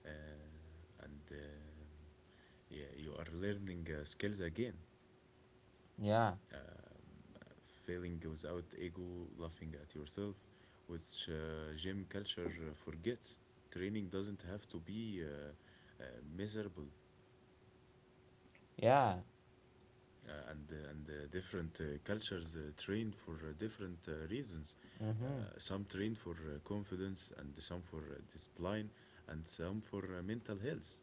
S2: uh, and yeah, you are learning skills again,
S1: Yeah,
S2: feeling without ego, laughing at yourself, which gym culture forgets. Training doesn't have to be uh, miserable.
S1: yeah.
S2: And different cultures train for different reasons. Uh, some train for confidence, and some for discipline, and some for mental health,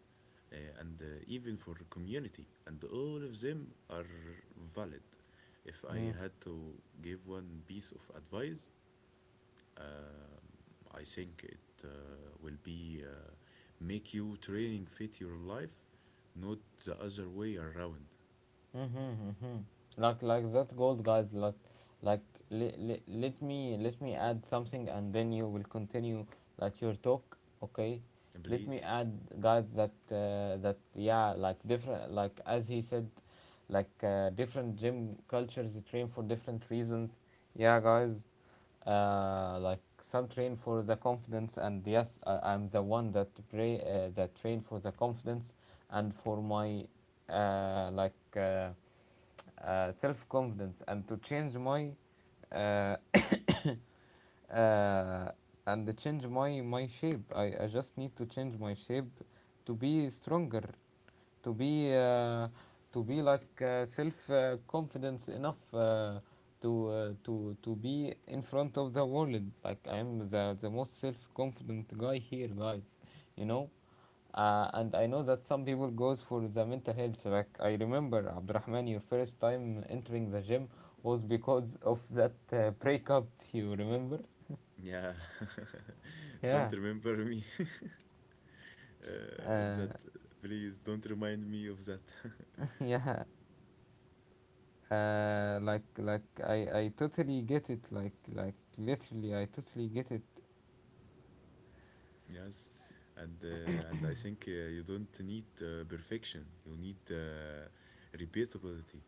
S2: and even for community. And all of them are valid. If I
S1: Mhm.
S2: had to give one piece of advice, um I think it will be make you training fit your life, not the other way around.
S1: Mm-hmm. Like, that's gold, guys. Like let me add something, and then you will continue like your talk. Okay, let me
S2: Please.
S1: add, guys, that yeah, like different, like as he said, like, different gym cultures train for different reasons. Yeah, guys. Like some train for the confidence, and yes, I'm the one that pray that train for the confidence and for my uh, like. Uh, self-confidence, and to change my uh, uh, and to change my shape. I just need to change my shape to be stronger, to be uh, to be like self confidence enough to be in front of the world, like I am the most self confident guy here, guys, you know. And I know that some people goes for the mental health. Like I remember, Abdurrahman, your first time entering the gym was because of that breakup. You remember?
S2: Yeah,
S1: Yeah.
S2: don't remember me of that.
S1: Uh,
S2: Please don't remind me of that.
S1: yeah. Like, I totally get it. Like, literally, I totally get it.
S2: Yes, and I think you don't need perfection. You need repeatability.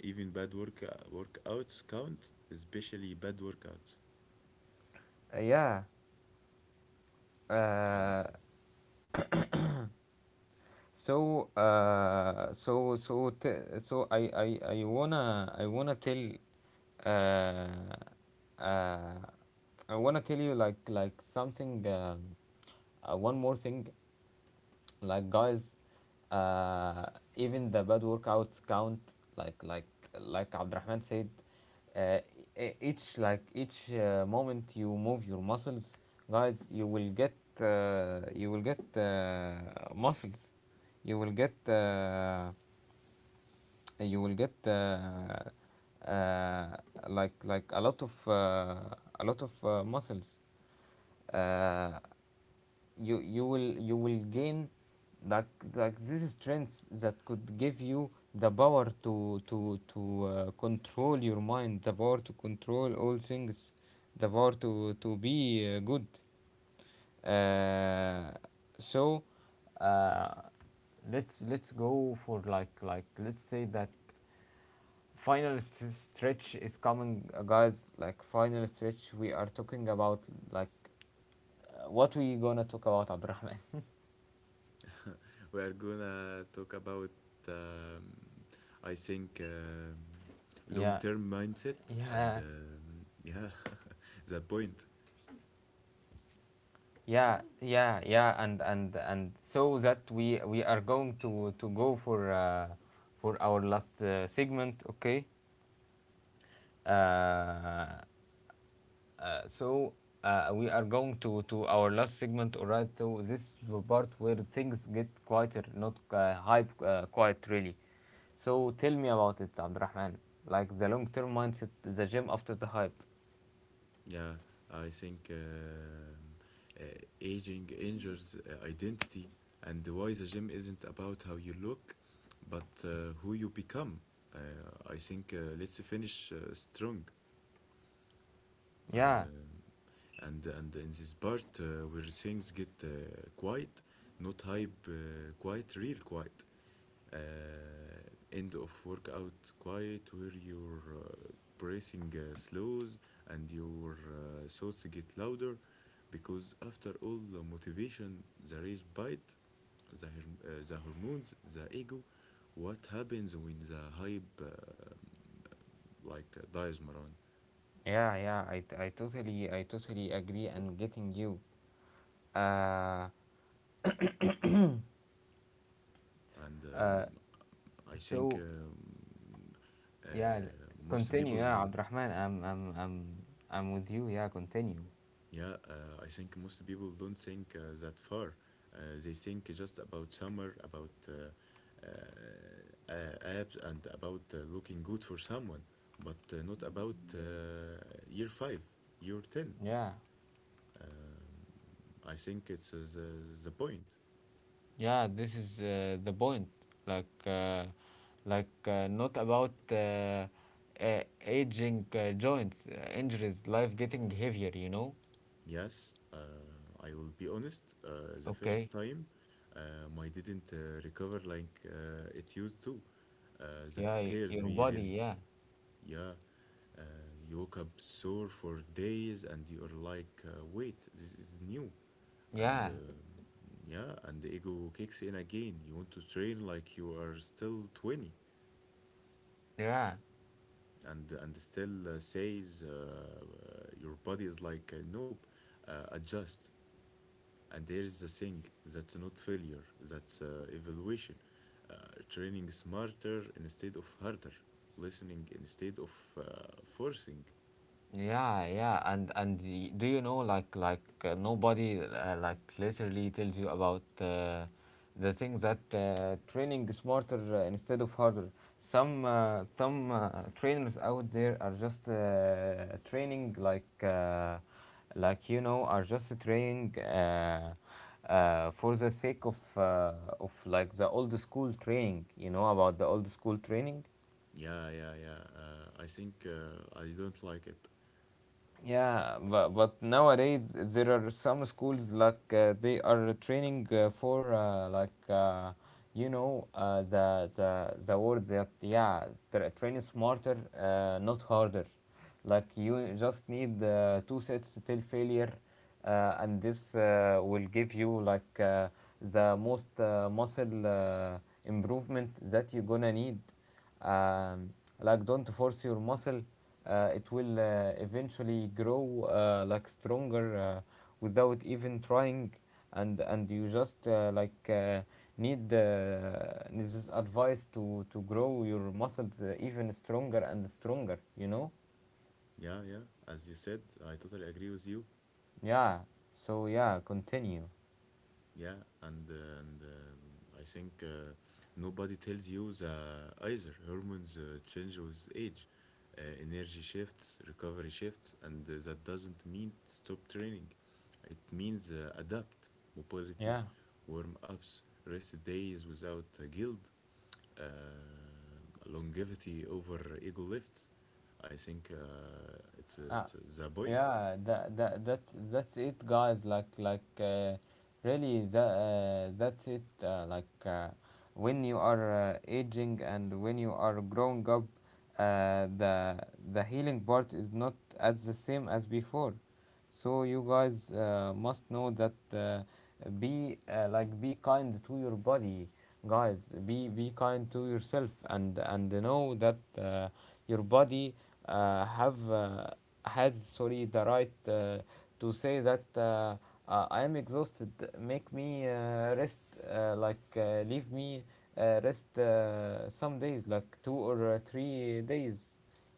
S2: Even bad workouts count, especially bad workouts.
S1: Uh, yeah.
S2: And
S1: Uh, So, so uh, uh, I wanna tell you like something, one more thing. Like, guys, uh, even the bad workouts count. like like Abdurrahman said, uh, each moment you move your muscles, guys, you will get muscles, you will get uh, you will get uh, like like a lot of uh, a lot of muscles. Uh, you you will gain like this is strengths that could give you the power to control your mind, the power to control all things, the power to be good. Uh, so uh, let's go for, let's say that final stretch is coming. Guys, like final stretch, we are talking about, like what we gonna talk about, Abdurrahman?
S2: we are gonna talk about um, I think long
S1: Yeah,
S2: term mindset and
S1: yeah.
S2: um, yeah, that point.
S1: Yeah, yeah, yeah, and so that we are going to go for our last segment, okay? Uh, uh, so we are going to our last segment, alright? So this is the part where things get quieter, not hype, quiet really. So tell me about it, Abdurrahman, like the long-term mindset, the gym after the hype.
S2: Yeah, I think uh, aging injures identity and why the gym isn't about how you look, but who you become. Uh, I think Let's finish strong.
S1: Yeah,
S2: Um and in this part where things get quiet, not hype, quiet, real quiet, uh, end of workout quiet, where your bracing slows and your thoughts get louder, because after all the motivation, the rage bite, the, the hormones, the ego, what happens when the hype dies, Maran?
S1: yeah, yeah. I totally agree and getting you. Uh,
S2: And
S1: Uh,
S2: I think
S1: so
S2: uh,
S1: yeah,
S2: most
S1: continue.
S2: people
S1: Yeah, Abdurrahman, I'm with you. Yeah, continue.
S2: Yeah, I think most people don't think that far. They think just about summer, about abs, and about looking good for someone, but not about year five, year 10.
S1: Yeah,
S2: Um, I think it's the point.
S1: yeah, this is the point. Like, not about aging joints, injuries, life getting heavier, you know?
S2: Yes, I will be honest. The
S1: Okay,
S2: first time, my didn't recover like it used to. Uh, that
S1: yeah,
S2: scared
S1: your
S2: me
S1: body,
S2: really.
S1: yeah,
S2: Yeah, uh, you woke up sore for days and you're like, wait, this is new. And
S1: yeah,
S2: um yeah, and the ego kicks in again. You want to train like you are still 20
S1: yeah.
S2: and still says your body is like, nope, adjust. And there is the thing, that's not failure, that's evaluation. Uh, training smarter instead of harder, listening instead of forcing.
S1: Yeah, yeah, and do you know, nobody like literally tells you about the things, that training smarter instead of harder. Some trainers out there are just training like, you know, are just training for the sake of like the old school training. You know about the old school training.
S2: Yeah, yeah, yeah. I think I don't like it.
S1: Yeah, but nowadays there are some schools, like they are training for you know, the word that, yeah, train smarter not harder. Like, you just need two sets till failure, and this will give you like the most muscle improvement that you're gonna need. um, like, don't force your muscle, it will eventually grow like stronger, without even trying, and you just need this is advice to grow your muscles even stronger and stronger, you know.
S2: Yeah, yeah. As you said, I totally agree with you.
S1: Yeah, so yeah, continue.
S2: Yeah, and I think nobody tells you the either hormones change with age, energy shifts, recovery shifts, and that doesn't mean stop training. It means adapt, mobility,
S1: Yeah,
S2: warm ups, rest days without guilt, longevity over eagle lifts. I think
S1: uh,
S2: it's the point.
S1: yeah, that's it, guys. Really, that's it. When you are aging, and when you are growing up, uh, the the healing part is not as the same as before. So, you guys, must know that, be like, be kind to your body, guys. Be kind to yourself, and know that, your body, have has, sorry, the right to say that, I am exhausted. Make me rest. Leave me rest some days, like two or 3 days.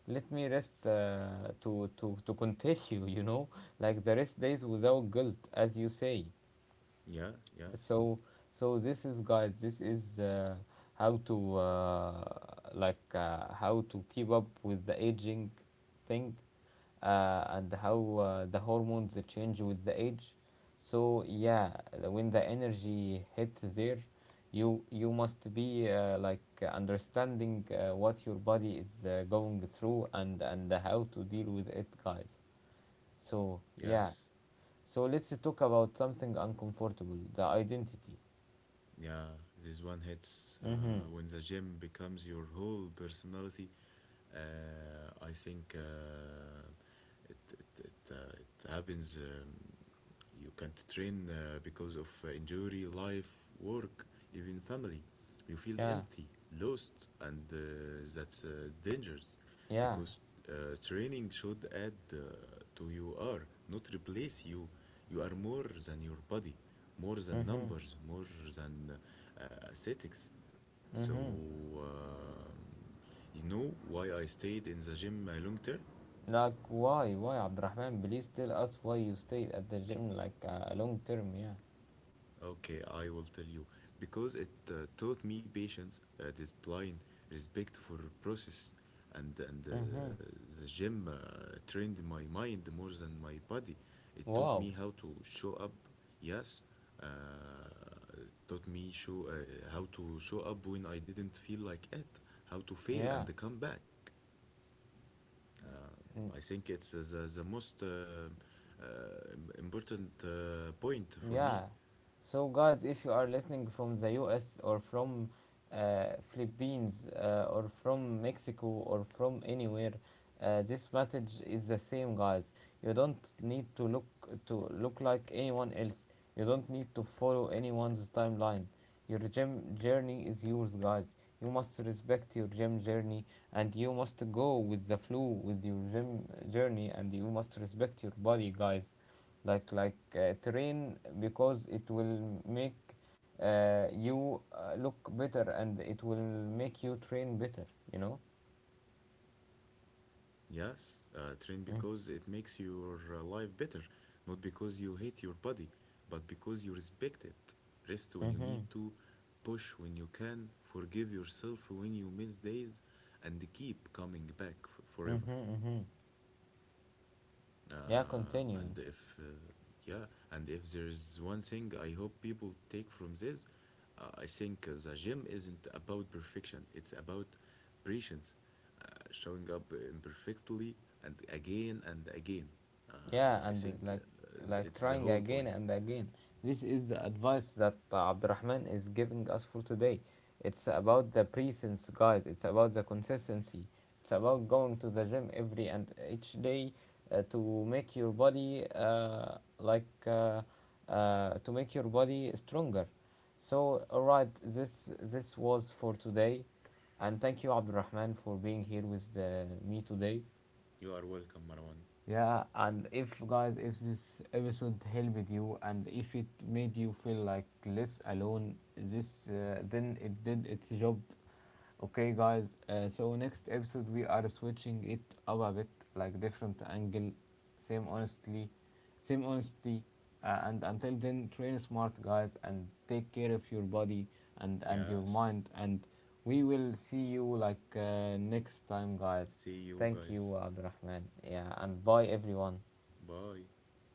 S1: Let me rest to continue. You know, like the rest days without guilt, as you say.
S2: Yeah, yes,
S1: So, so this is, guys, this is how to how to keep up with the aging thing, and how, the hormones, they change with the age. So yeah, when the energy hits there, you must be understanding what your body is going through, and how to deal with it, guys. So yeah,
S2: yes.
S1: so let's talk about something uncomfortable, the identity.
S2: Yeah, this one hits
S1: Mhm.
S2: when the gym becomes your whole personality. I think it, it, it, It happens. You can't train because of injury, life, work, even family. You feel
S1: Yeah.
S2: empty, lost, and that's dangerous,
S1: Yeah.
S2: because training should add to you are, not replace you. You are more than your body, more than
S1: Mhm.
S2: numbers, more than aesthetics. So,
S1: Mhm.
S2: um you know why I stayed in the gym long term?
S1: Like, why? Why, Abdurrahman? Please tell us why you stayed at the gym, like, long term. Yeah.
S2: Okay, I will tell you. Because it taught me patience, discipline, respect for process, and
S1: Mhm.
S2: the gym trained my mind more than my body. It taught
S1: Wow.
S2: me how to show up. Yes, uh, taught me show how to show up when I didn't feel like it. How to fail and
S1: Yeah.
S2: come back. I
S1: Mm.
S2: think it's the most important point for me.
S1: Yeah. So guys, if you are listening from the US, or from Philippines, or from Mexico, or from anywhere, this message is the same, guys. You don't need to look, like anyone else. You don't need to follow anyone's timeline. Your gem journey is yours, guys. You must respect your gem journey, and you must go with the flow with your gem journey, and you must respect your body, guys. Train because it will make you look better, and it will make you train better, you know.
S2: Yes, train because it
S1: Mm.
S2: makes your life better, not because you hate your body, but because you respect it. Rest when you need
S1: mm-hmm
S2: to, push when you can, forgive yourself when you miss days, and keep coming back forever.
S1: mm-hmm Mm-hmm. Yeah,
S2: And
S1: continue.
S2: if, Yeah, and if there's one thing I hope people take from this, I think the gym isn't about perfection, it's about patience, uh, showing up imperfectly and again and again.
S1: Yeah,
S2: I
S1: and it's
S2: think
S1: like like
S2: it's the
S1: trying
S2: whole
S1: again
S2: point.
S1: and again. This is the advice that Abdurrahman is giving us for today. It's about the presence, guys. It's about the consistency. It's about going to the gym every and each day, to make your body, to make your body stronger. So, alright, this was for today, and thank you, Abdurrahman, for being here with me today.
S2: You are welcome, Marwan.
S1: Yeah, and if guys, if this episode helped you, and if it made you feel like less alone, this then it did its job. Okay, guys. So next episode we are switching it up a bit, like different angle, same honestly, same honesty. And until then, train smart, guys, and take care of your body and your mind.
S2: Yes.
S1: And we will see you, like, next time, guys.
S2: See
S1: Thank
S2: you
S1: you,
S2: guys.
S1: Abdurrahman. Yeah, and bye everyone.
S2: Bye.